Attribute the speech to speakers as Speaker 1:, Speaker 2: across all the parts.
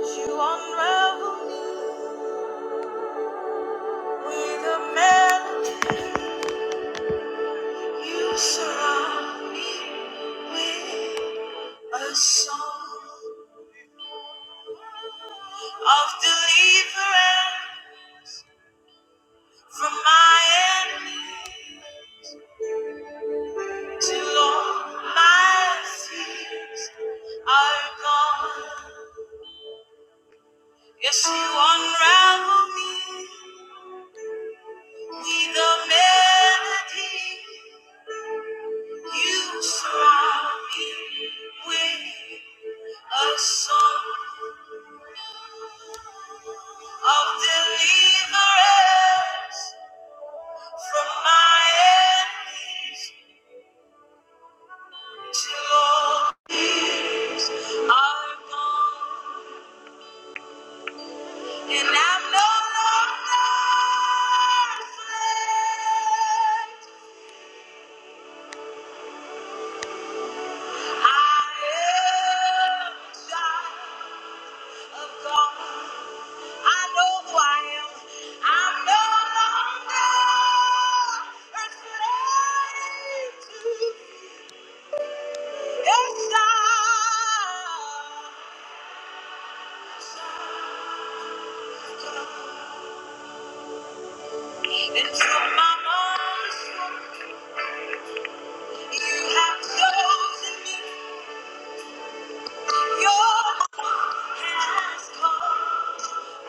Speaker 1: You unravel me with a melody. You surround me with a song of deliverance from my enemy till all my fears are gone. Yes, you unravel me with a melody. You surround me with a song. of deliverance from my enemies till all fears are gone and I'm no longer afraid. I am a child of God. I know who I am. I'm no longer afraid to your side. And from my mother's womb, you have chosen me. Your hand has called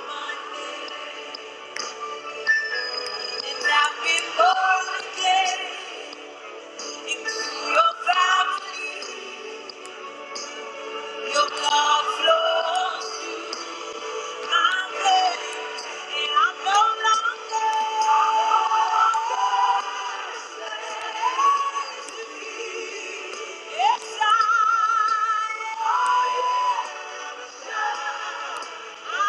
Speaker 1: my name. And I've been born again into your family. Your love flows through my veins. And I'm no longer. Yes, I am. Yeah.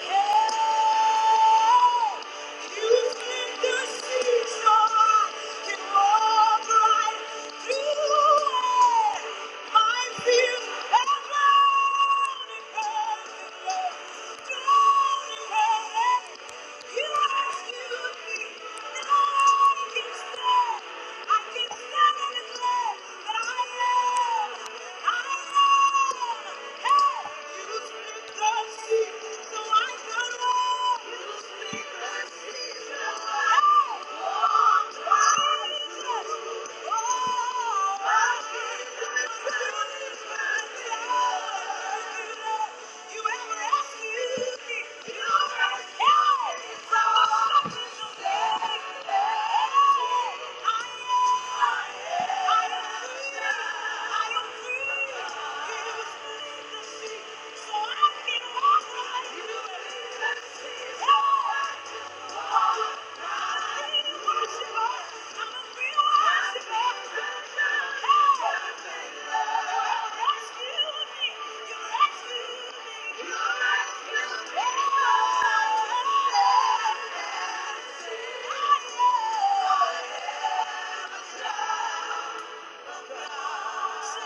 Speaker 1: I am. I am. Hey, you speak the I am I am free. I am free. Yeah. Yes, I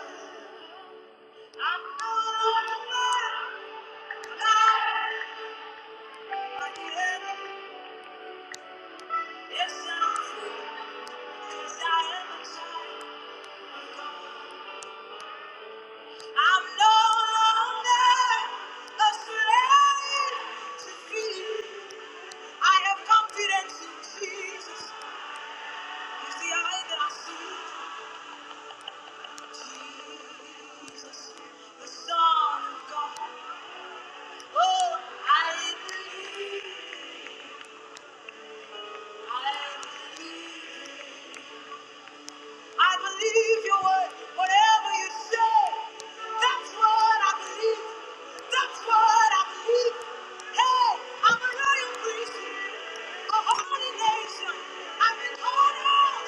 Speaker 1: am. Oh, I believe, I believe. I believe your word, whatever you say. That's what I believe. That's what I believe. Hey, I'm a royal priest, a holy nation. I've been called out.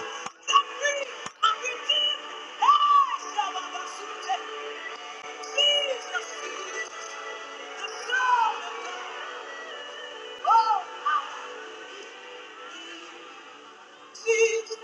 Speaker 1: I'm free. I'm redeemed. Hey, Shabbat Jesus, Jesus, the Son of God. Oh, I, Jesus.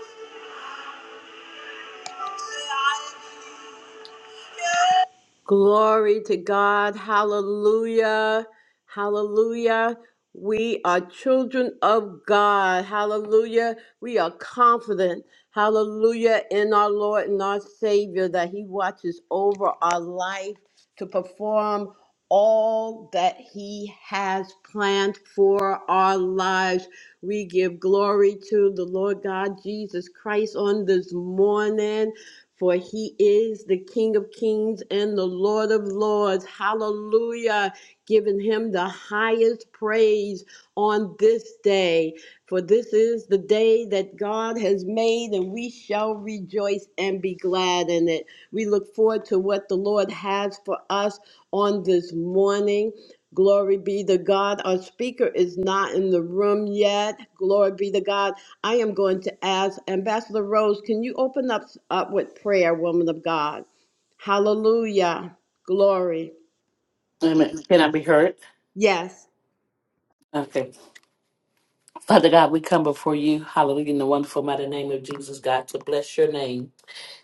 Speaker 1: Glory to God. Hallelujah. Hallelujah. We are children of God. Hallelujah. We are confident. Hallelujah. In our Lord and our Savior that He watches over our life to perform all that He has planned for our lives. We give glory to the Lord God Jesus Christ on this morning. For he is the King of Kings and the Lord of Lords. Hallelujah. Giving him the highest praise on this day. For this is is the day that God has made, and we shall rejoice and be glad in it. We look forward to what the Lord has for us on this morning. Glory be to God. Our speaker is not in the room yet. Glory be to God. I am going to ask Ambassador Rose, can you open up, up with prayer, woman of God? Hallelujah. Glory.
Speaker 2: Wait a minute. Can I be heard?
Speaker 1: Yes.
Speaker 2: Okay. Father God, we come before you, hallelujah, in the wonderful mighty name of Jesus, God, to bless your name.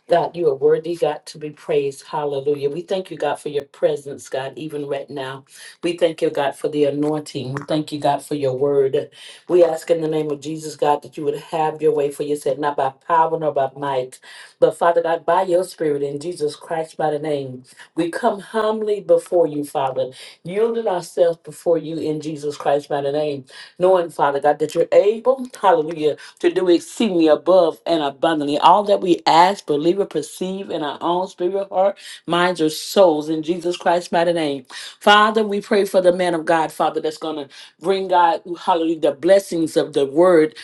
Speaker 2: God, you are worthy, God, to be praised. Hallelujah. We thank you, God, for your presence, God, even right now. We thank you, God, for the anointing. We thank you, God, for your word. We ask in the name of Jesus, God, that you would have your way for yourself, not by power nor by might, but Father God, by your spirit in Jesus Christ by the name. We come humbly before you, Father, yielding ourselves before you in Jesus Christ by the name, knowing, Father God, that you're able, hallelujah to do exceedingly above and abundantly all that we ask, believe, or perceive in our own spirit, heart, minds, or souls in Jesus Christ's mighty name. Father, we pray for the man of God, Father, that's going to bring God, hallelujah, the blessings of the word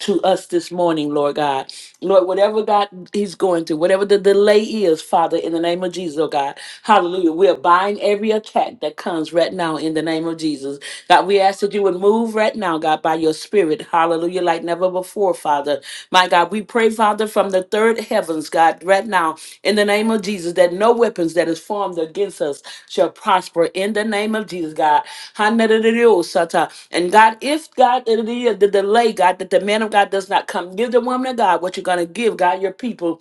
Speaker 2: to us this morning, Lord God. Lord, whatever God He's going through, whatever the delay is, Father, in the name of Jesus, oh God. Hallelujah. We are buying every attack that comes right now in the name of Jesus. God, we ask that you would move right now, God, by your spirit. Hallelujah. Like never before, Father. My God, we God. We pray, Father, from the third heavens, God, right now, in the name of Jesus, that no weapons that is formed against us shall prosper in the name of Jesus, God. Hallelujah. And God, if God, it is the delay, God, that the man of God does not come, give the woman of God what you're going to give, God, your people.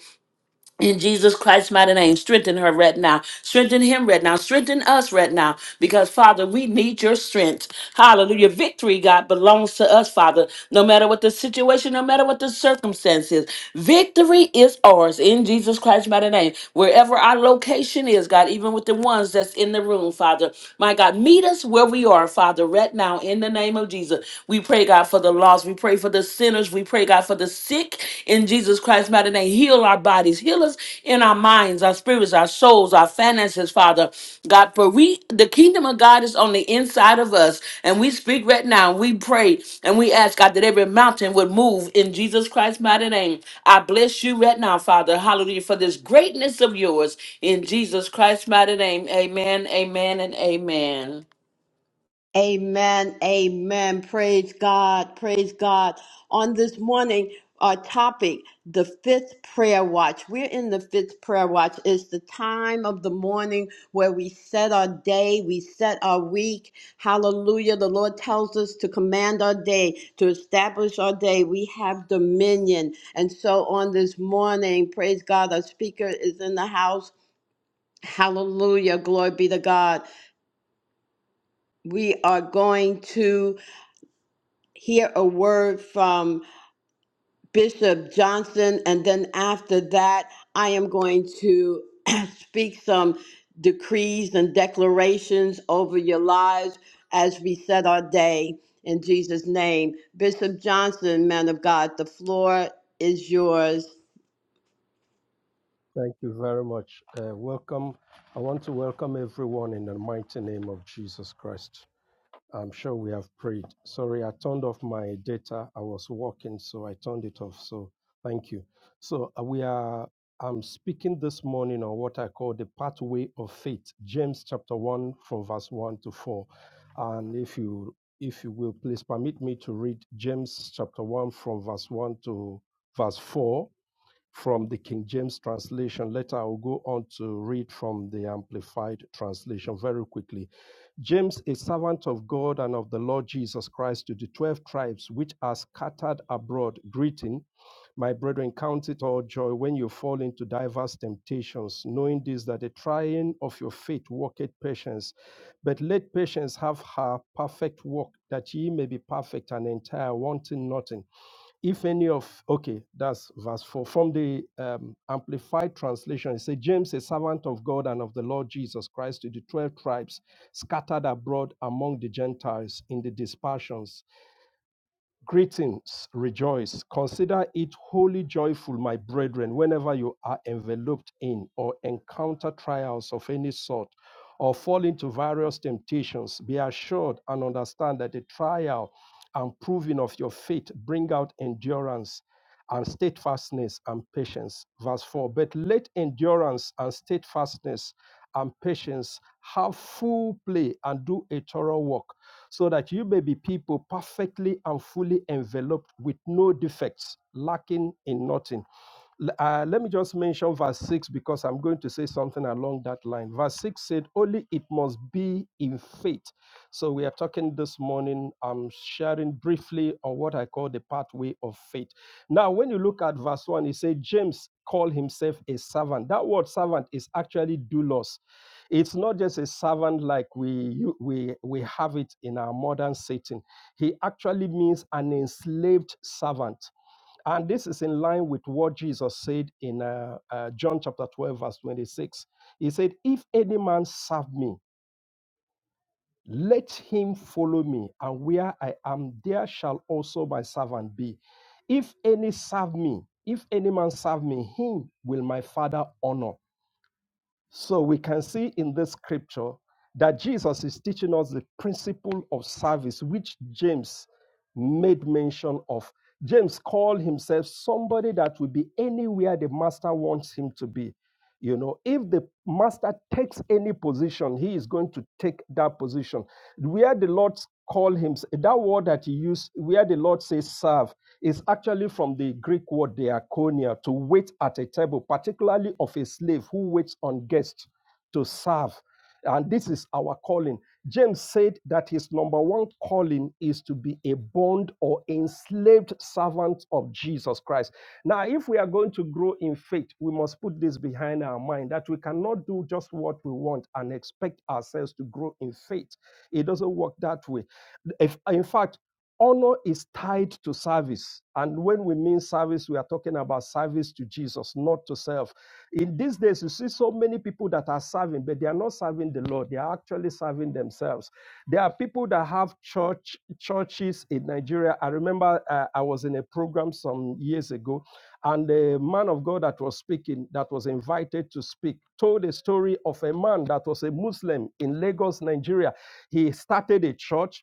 Speaker 2: In Jesus Christ's mighty name, strengthen her right now. Strengthen him right now. Strengthen us right now. Because, Father, we need your strength. Hallelujah. Victory, God, belongs to us, Father. No matter what the situation, no matter what the circumstances, victory is ours in Jesus Christ's mighty name. Wherever our location is, God, even with the ones that's in the room, Father. My God, meet us where we are, Father, right now in the name of Jesus. We pray, God, for the lost. We pray for pray for the sinners. We pray, God, for the sick in Jesus Christ's mighty name. Heal our bodies, heal us in our minds, our spirits, our souls, our finances, Father. God, for we, the kingdom of God is on the inside of us. And we speak right now. We pray and we ask, God, that every mountain would move in Jesus Christ's mighty name. I bless you right now, Father. Hallelujah, for this greatness of yours in Jesus Christ's mighty name. Amen, amen, and amen.
Speaker 1: Amen. Amen. Praise God. Praise God. On this morning, our topic, the fifth prayer watch. We're in the fifth prayer watch. It's the time of the morning where we set our day, we set our week. Hallelujah. The Lord tells us to command our day, to establish our day. We have dominion. And so on this morning, praise God, our speaker is in the house. Hallelujah. Glory be to God. We are going to. hear a word from Bishop Johnson, and then after that, I am going to speak some decrees and declarations over your lives as we set our day in Jesus' name. Bishop Johnson, man of God, the floor is yours.
Speaker 3: Thank you very much. Uh, welcome. I want to welcome everyone in the mighty name of Jesus Christ. I'm sure we have prayed. Sorry, I turned off my data. I was working, so I turned it off. So thank you. So uh, we are. I'm speaking this morning on what I call the pathway of faith, James chapter one from verse one to four. And if you if you will please permit me to read James chapter one from verse one to verse four from the King James translation. Later, I'll go on to read from the Amplified translation very quickly. James, a servant of God and of the Lord Jesus Christ, to the 12 tribes which are scattered abroad, greeting. My brethren, count it all joy when you fall into diverse temptations, knowing this that the trying of your faith worketh patience. But let patience have her perfect work, that ye may be perfect and entire, wanting nothing if any of okay that's verse 4 from the um, amplified translation it says james a servant of god and of the lord jesus christ to the 12 tribes scattered abroad among the gentiles in the dispersions Greetings, rejoice. Consider it wholly joyful, my brethren, whenever you are enveloped in or encounter trials of any sort or fall into various temptations. Be assured and understand that the trial and proving of your faith bring out endurance and steadfastness and patience. Verse 4 But let endurance and steadfastness and patience have full play and do a thorough work so that you may be people perfectly and fully enveloped with no defects, lacking in nothing. uh, let me just mention verse 6 because I'm going to say something along that line. Verse 6 said, Only it must be in faith. So we are talking this morning, I'm sharing briefly on what I call the pathway of faith. Now, when you look at verse 1, it says, James called himself a servant. That word servant is actually doulos it's not just a servant like we we we have it in our modern setting he actually means an enslaved servant and this is in line with what jesus said in uh, uh, john chapter 12 verse 26 he said if any man serve me let him follow me and where i am there shall also my servant be if any serve me if any man serve me him will my father honor so we can see in this scripture that Jesus is teaching us the principle of service, which James made mention of. James called himself somebody that will be anywhere the master wants him to be. You know, if the master takes any position, he is going to take that position. Where the Lord called him, that word that he used, where the Lord says serve, is actually from the Greek word diakonia, to wait at a table, particularly of a slave who waits on guests to serve. And this is our calling. James said that his number one calling is to be a bond or enslaved servant of Jesus Christ. Now, if we are going to grow in faith, we must put this behind our mind that we cannot do just what we want and expect ourselves to grow in faith. It doesn't work that way. If, in fact, Honor is tied to service. And when we mean service, we are talking about service to Jesus, not to self. In these days, you see so many people that are serving, but they are not serving the Lord. They are actually serving themselves. There are people that have church churches in Nigeria. I remember uh, I was in a program some years ago, and the man of God that was speaking, that was invited to speak, told a story of a man that was a Muslim in Lagos, Nigeria. He started a church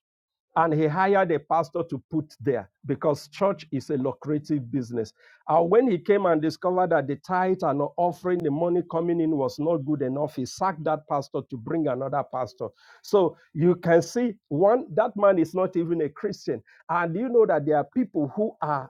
Speaker 3: and he hired a pastor to put there because church is a lucrative business. And when he came and discovered that the tithe and offering, the money coming in was not good enough, he sacked that pastor to bring another pastor. So you can see one, that man is not even a Christian. And you know that there are people who are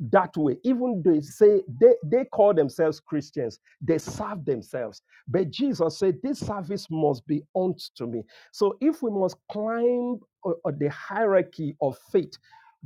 Speaker 3: that way. Even they say they, they call themselves Christians, they serve themselves. But Jesus said, This service must be unto me. So if we must climb uh, uh, the hierarchy of faith,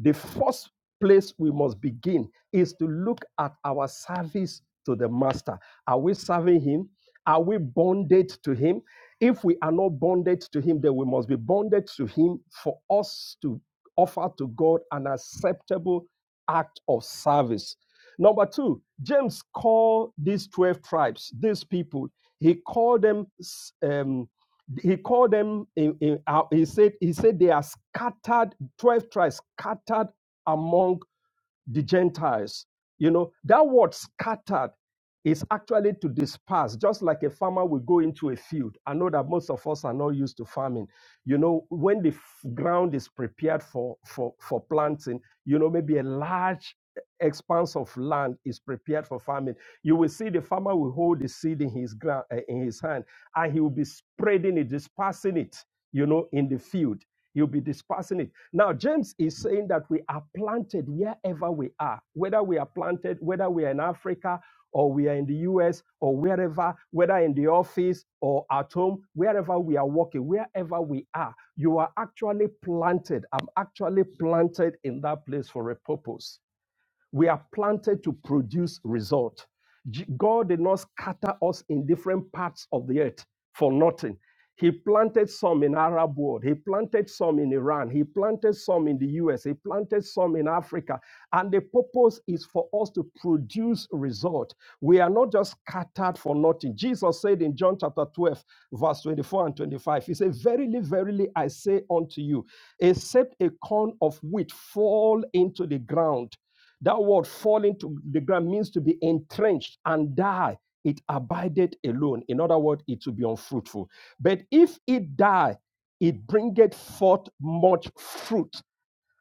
Speaker 3: the first place we must begin is to look at our service to the master. Are we serving him? Are we bonded to him? If we are not bonded to him, then we must be bonded to him for us to offer to God an acceptable act of service. Number two, James called these 12 tribes, these people, he called them, um, he called them, in, in, out- he said, he said they are scattered, 12 tribes scattered among the Gentiles. You know, that word scattered is actually to disperse, just like a farmer will go into a field. I know that most of us are not used to farming. You know, when the f- ground is prepared for, for, for planting, you know, maybe a large expanse of land is prepared for farming. You will see the farmer will hold the seed in his ground, uh, in his hand, and he will be spreading it, dispersing it, you know, in the field. You'll be dispersing it. Now, James is saying that we are planted wherever we are, whether we are planted, whether we are in Africa or we are in the US or wherever, whether in the office or at home, wherever we are working, wherever we are, you are actually planted. I'm actually planted in that place for a purpose. We are planted to produce result. God did not scatter us in different parts of the earth for nothing. He planted some in Arab world. He planted some in Iran. He planted some in the US. He planted some in Africa. And the purpose is for us to produce result. We are not just scattered for nothing. Jesus said in John chapter 12, verse 24 and 25, He said, Verily, verily, I say unto you, except a corn of wheat fall into the ground that word falling to the ground means to be entrenched and die. It abideth alone. In other words, it will be unfruitful. But if it die, it bringeth forth much fruit.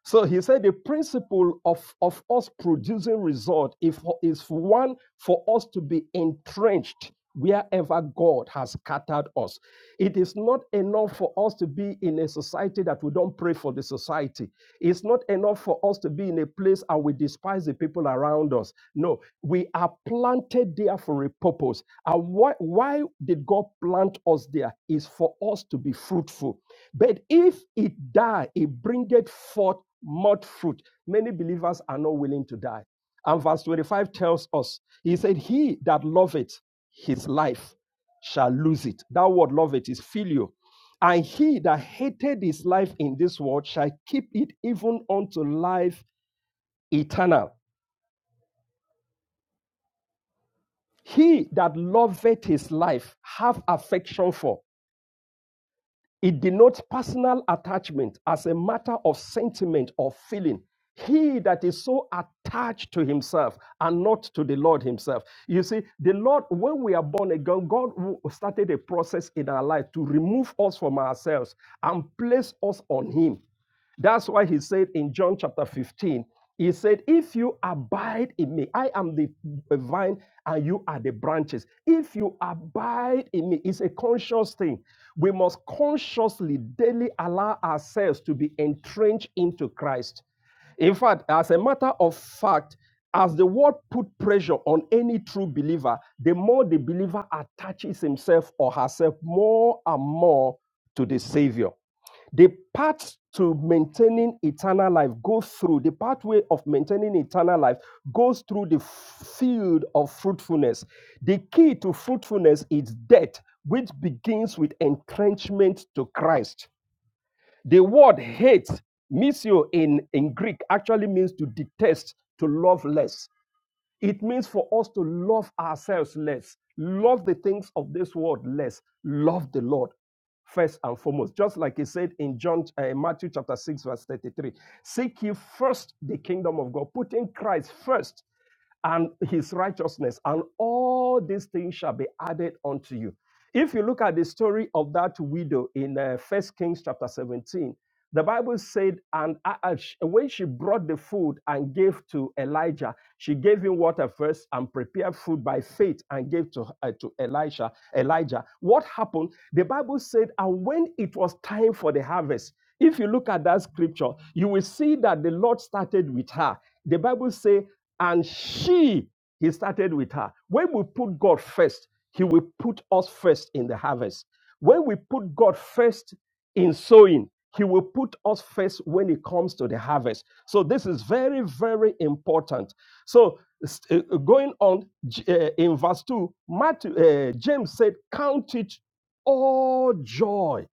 Speaker 3: So he said the principle of, of us producing result is is one for us to be entrenched wherever God has scattered us. It is not enough for us to be in a society that we don't pray for the society. It's not enough for us to be in a a place and we despise the people around us. No, we are planted there for a purpose. And why, why did God plant us there? Is for us to be fruitful. But if it die, it bringeth forth much fruit. Many believers are not willing to die. And verse 25 tells us, He said, He that loveth his life shall lose it. That word loveth is filial. And he that hated his life in this world shall keep it even unto life eternal. He that loveth his life have affection for. It denotes personal attachment as a matter of sentiment or feeling. He that is so attached to himself and not to the Lord himself. You see, the Lord, when we are born again, God started a process in our life to remove us from ourselves and place us on him. That's why he said in John chapter 15, he said, If you abide in me, I am the vine and you are the branches. If you abide in me, it's a conscious thing. We must consciously daily allow ourselves to be entrenched into Christ. In fact, as a matter of fact, as the world put pressure on any true believer, the more the believer attaches himself or herself more and more to the Savior. The path to maintaining eternal life goes through the pathway of maintaining eternal life goes through the field of fruitfulness. The key to fruitfulness is death, which begins with entrenchment to Christ. The word hate, misio in, in Greek, actually means to detest, to love less. It means for us to love ourselves less, love the things of this world less, love the Lord first and foremost. Just like he said in John, uh, Matthew chapter 6, verse 33 Seek ye first the kingdom of God, putting Christ first and his righteousness, and all these things shall be added unto you. If you look at the story of that widow in uh, 1 Kings chapter 17, the Bible said, and uh, uh, when she brought the food and gave to Elijah, she gave him water first and prepared food by faith and gave to uh, to Elisha. Elijah, what happened? The Bible said, and when it was time for the harvest, if you look at that scripture, you will see that the Lord started with her. The Bible says, and she, he started with her. When we put God first, he will put us first in the harvest. When we put God first in sowing, he will put us first when it comes to the harvest. So this is very, very important. So uh, uh, going on uh, in verse two, Matthew, uh, James said, "Count it all joy."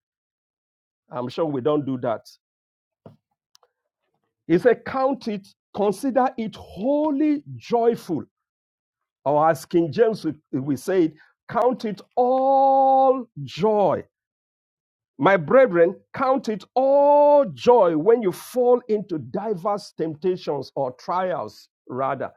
Speaker 3: I'm sure we don't do that. He said, "Count it, consider it wholly joyful." Or as King James we, we say, "Count it all joy." My brethren, count it all joy when you fall into diverse temptations or trials, rather.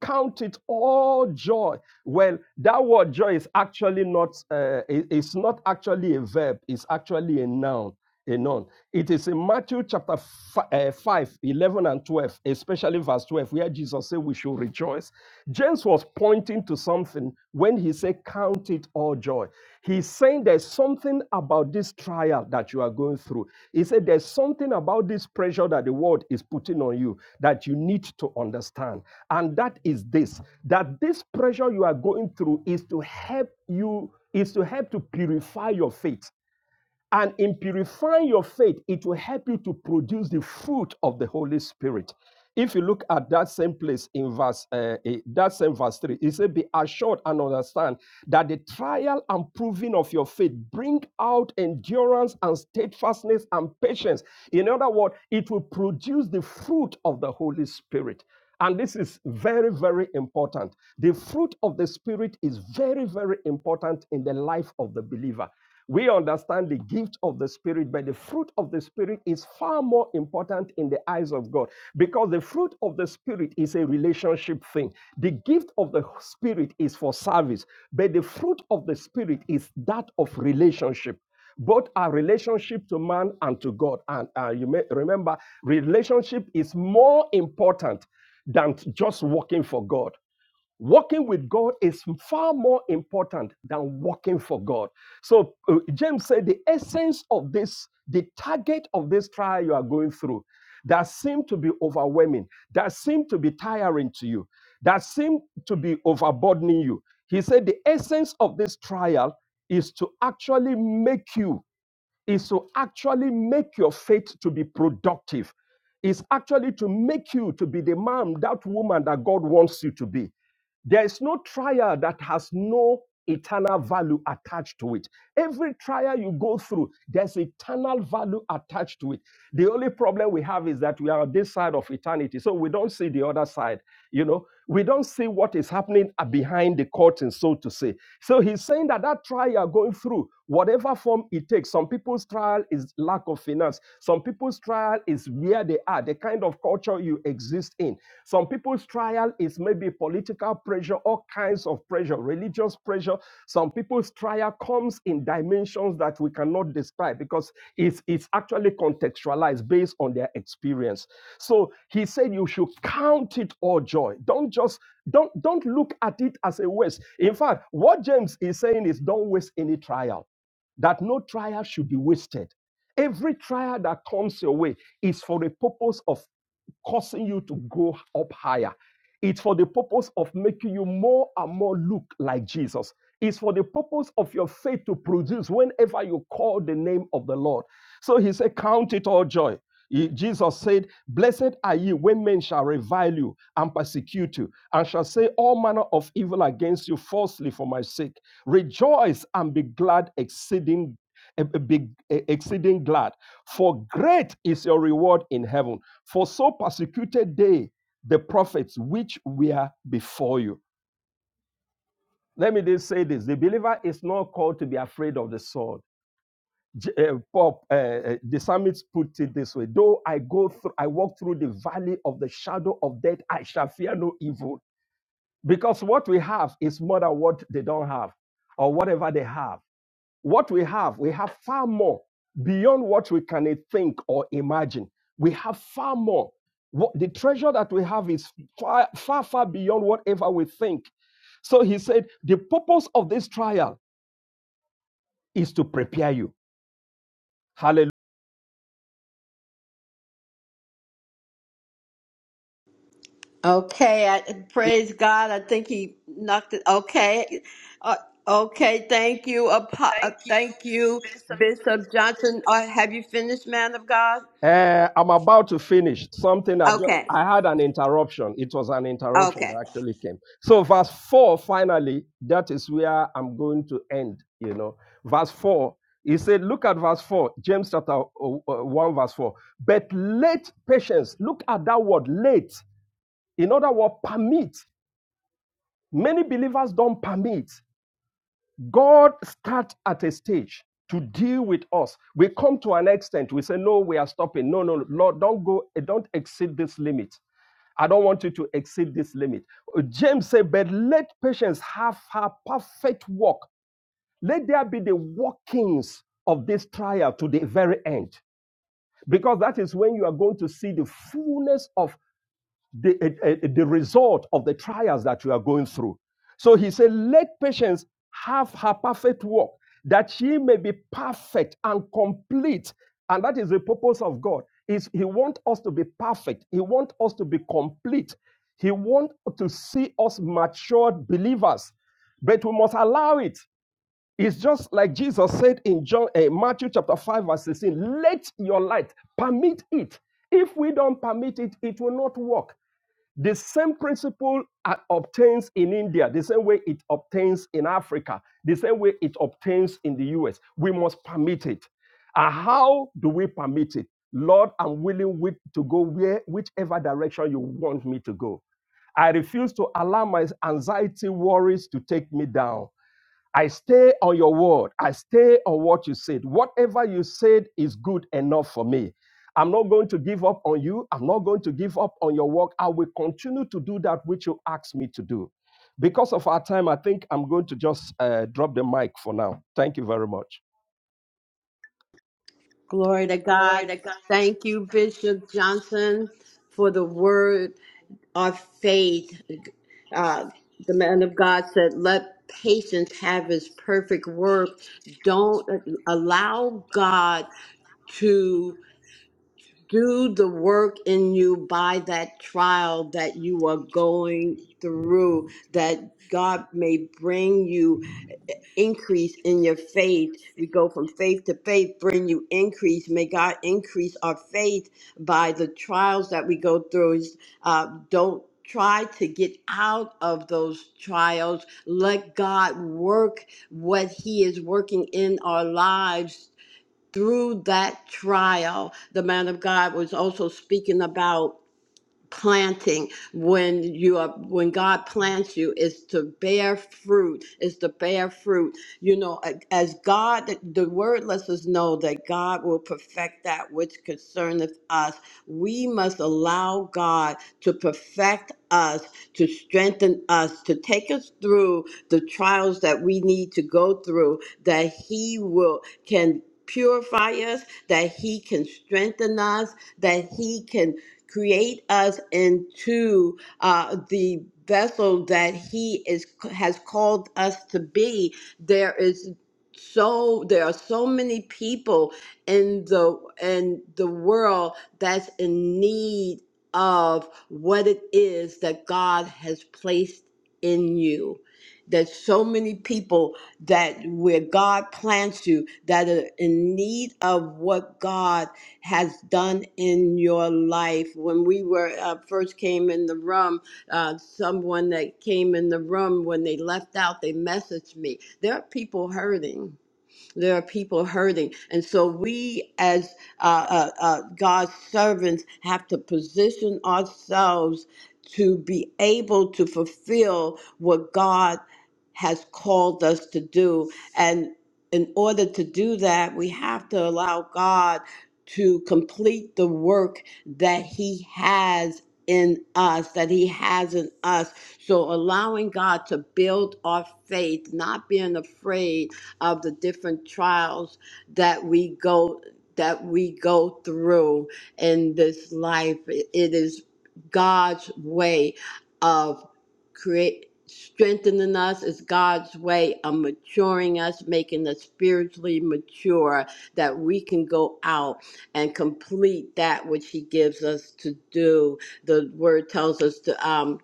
Speaker 3: Count it all joy. Well, that word joy is actually not, uh, it's not actually a verb, it's actually a noun. A noun. It is in Matthew chapter fi- uh, 5, eleven and 12, especially verse 12, where Jesus said we should rejoice James was pointing to something when he said, Count it all joy. He's saying there's something about this trial that you are going through. He said, There's something about this pressure that the world is putting on you that you need to understand. And that is this that this pressure you are going through is to help you, is to help to purify your faith and in purifying your faith, it will help you to produce the fruit of the Holy Spirit. If you look at that same place in verse, uh, eh, that same verse 3, it says, Be assured and understand that the trial and proving of your faith bring out endurance and steadfastness and patience. In other words, it will produce the fruit of the Holy Spirit. And this is very, very important. The fruit of the Spirit is very, very important in the life of the believer. We understand the gift of the Spirit, but the fruit of the Spirit is far more important in the eyes of God because the fruit of the Spirit is a relationship thing. The gift of the Spirit is for service, but the fruit of the Spirit is that of relationship both our relationship to man and to God. And uh, you may remember, relationship is more important than just working for God. Working with God is far more important than working for God. So uh, James said the essence of this, the target of this trial you are going through, that seem to be overwhelming, that seem to be tiring to you, that seem to be overburdening you. He said the essence of this trial is to actually make you is to actually make your faith to be productive is actually to make you to be the man that woman that god wants you to be there is no trial that has no eternal value attached to it. Every trial you go through, there's eternal value attached to it. The only problem we have is that we are on this side of eternity, so we don't see the other side. You know, we don't see what is happening uh, behind the curtain, so to say. So he's saying that that trial you're going through, whatever form it it takes. Some people's trial is lack of finance. Some people's trial is where they are, the kind of culture you exist in. Some people's trial is maybe political pressure, all kinds of pressure, religious pressure. Some people's trial comes in dimensions that we cannot describe because it's, it's actually contextualized based on their experience. So he said you should count it all joy. Don't just don't don't look at it as a waste. In fact, what James is saying is don't waste any trial that no trial should be wasted. Every trial that comes your way is for the purpose of causing you to go up higher. It's for the purpose of making you more and more look like Jesus. It's for the purpose of your faith to produce whenever you call the name of the Lord. So he said, Count it all joy. He- Jesus said, Blessed are ye when men shall revile you and persecute you, and shall say all manner of evil against you falsely for my sake. Rejoice and be glad exceeding eh, eh, be eh, exceeding glad, for great is your reward in heaven. For so persecuted they the prophets which were before you. Let me just say this: the believer is not called to be afraid of the sword. J- eh, Pop, eh, eh, the psalmist put it this way: Though I go through, I walk through the valley of the shadow of death, I shall fear no evil, because what we have is more than what they don't have, or whatever they have. what we have, we have far more beyond what we can e-, think or imagine. We have far more. What the treasure that we have is far, far, far beyond whatever we think. So he said, the purpose of this trial is to prepare you. Hallelujah.
Speaker 1: Okay, I, praise God. I think he knocked it. Okay, uh, okay. Thank you, Apo- uh, thank you, Bishop Johnson. Uh, have you finished, man of God?
Speaker 3: Uh, I'm about to finish something. I, just
Speaker 1: Okay.
Speaker 3: I had an interruption. It was an interruption that
Speaker 1: Okay.
Speaker 3: actually came. So, verse 4, finally, that is where I'm going to end. You know, verse 4, he said, Look at verse 4, James chapter uh, uh, 1, verse 4. But let patience, look at that word, "let." In other words, permit. Many believers don't permit. God starts at a stage to deal with us. We come to an extent, we say, No, we are stopping. No, no, Lord, don't go, eh, don't exceed this limit. I don't want you to exceed this limit. Uh, James said, But let patience have her perfect work. Let there be the workings of this trial to the very end. Because that is when you are going to see the fullness of the, eh, eh, the result of the trials that you are going through. So he said, Let patience have her perfect work, that she may be perfect and complete. And that is the purpose of God. Is He wants us to be perfect. He wants us to be complete. He wants to see us matured believers. But we must allow it. It's just like Jesus said in John, eh, Matthew chapter 5, verse 16, let your light permit it. If we don't permit it, it will not work. The same principle uh, obtains in India, the same way it obtains in Africa, the same way it obtains in the US. We must permit it. And how do we permit it? Lord, I'm willing to go where, whichever direction you want me to go. I refuse to allow my anxiety worries to take me down. I stay on your word. I stay on what you said. Whatever you said is good enough for me. I'm not going to give up on you. I'm not going to give up on your work. I will continue to do that which you asked me to do. Because of our time, I think I'm going to just uh, drop the mic for now. Thank you very much.
Speaker 1: Glory to God. Thank you, Bishop Johnson, for the word of faith. Uh, the man of God said, Let patience have his perfect work. Don't allow God to do the work in you by that trial that you are going through, that God may bring you. increase in your faith. We go from faith to faith, bring you increase. May God increase our faith by the trials that we go through. Uh, don't try to get out of those trials. Let God work what He is working in our lives through that trial. The man of God was also speaking about planting when you are when god plants you is to bear fruit is to bear fruit you know as god the word lets us know that god will perfect that which concerneth us we must allow god to perfect us to strengthen us to take us through the trials that we need to go through that he will can purify us that he can strengthen us that he can create us into uh, the vessel that he is has called us to be there is so there are so many people in the in the world that's in need of what it is that God has placed in you there's so many people that where God plants you that are in need of what God has done in your life. When we were uh, first came in the room, uh, someone that came in the room when they left out, they messaged me. There are people hurting there are people hurting. And so we, as uh, uh, uh, God's servants, have to position ourselves to be able to fulfill what God has called us to do. And in order to do that, we have to allow God to complete the work that He has in us, that He has in us. So allowing God to build our faith, not being afraid of the different trials that we go that we go through in this life. It is God's way of create strengthening us It's God's way of maturing us, making us spiritually mature, that we can go out and complete that which He gives us to do. The Word tells us to. Um,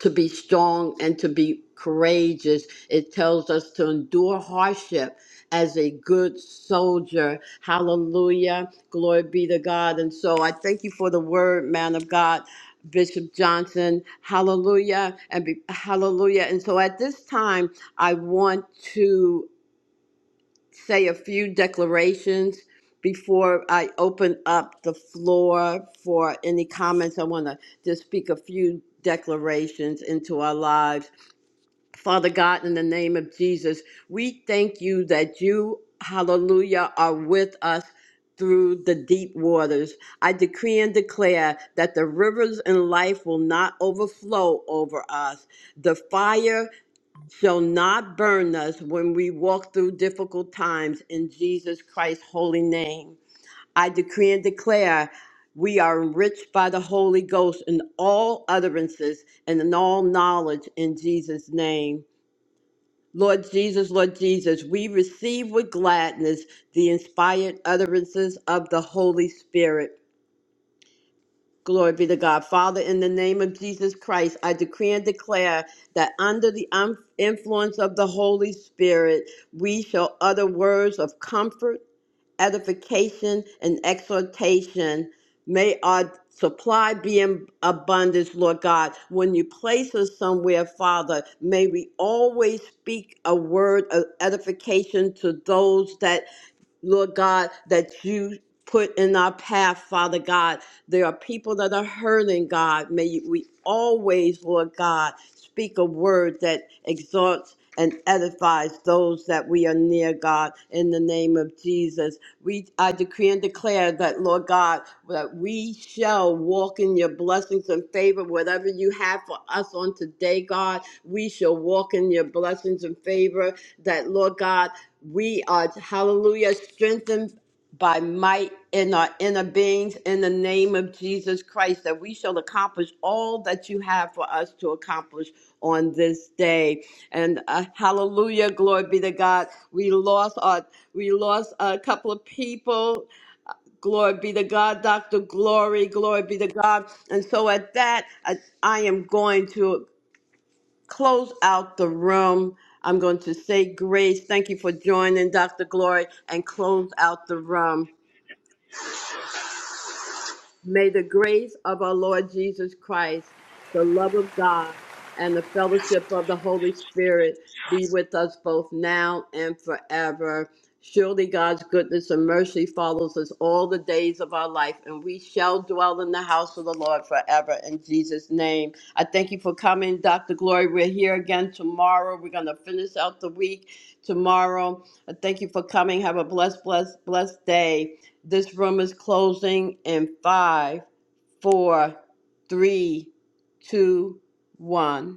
Speaker 1: to be strong and to be courageous. It tells us to endure hardship as a good soldier. Hallelujah. Glory be to God. And so I thank you for the word, man of God. Bishop Johnson, hallelujah, and be, hallelujah. And so at this time, I want to say a few declarations before I open up the floor for any comments. I want to just speak a few declarations into our lives. Father God, in the name of Jesus, we thank you that you, hallelujah, are with us. Through the deep waters. I decree and declare that the rivers in life will not overflow over us. The fire shall not burn us when we walk through difficult times in Jesus Christ's holy name. I decree and declare we are enriched by the Holy Ghost in all utterances and in all knowledge in Jesus' name. Lord Jesus, Lord Jesus, we receive with gladness the inspired utterances of the Holy Spirit. Glory be to God. Father, in the name of Jesus Christ, I decree and declare that under the um, influence of the Holy Spirit, we shall utter words of comfort, edification, and exhortation. May our supply be in abundance, Lord God. When you place us somewhere, Father, may we always speak a word of edification to those that Lord God, that you put in our path, Father God. There are people that are hurting, God. May you- we always, Lord God, speak a word that exalts and edifies those that we are near, God, in the name of Jesus. We I decree and declare that, Lord God, that we shall walk in your blessings and favor. Whatever you have for us on today, God, we shall walk in your blessings and favor. That, Lord God, we are, hallelujah, strengthened by might in our inner beings in the name of Jesus Christ that we shall accomplish all that you have for us to accomplish on this day. And uh, hallelujah, glory be to God. We lost our we lost a couple of people. Glory be to God, Dr. Glory, glory be to God. And so at that, I, I am going to close out the room. I'm going to say grace. Thank you for joining, Dr. Glory, and close out the room. May the grace of our Lord Jesus Christ, the love of God, and the fellowship of the Holy Spirit be with us both now and forever. Surely God's goodness and mercy follows us all the days of our life, and we shall dwell in the house of the Lord forever. In Jesus' name, I thank you for coming, Dr. Glory. We're here again tomorrow. We're going to finish out the week tomorrow. I thank you for coming. Have a blessed, blessed, blessed day. This room is closing in five, four, three, two, one.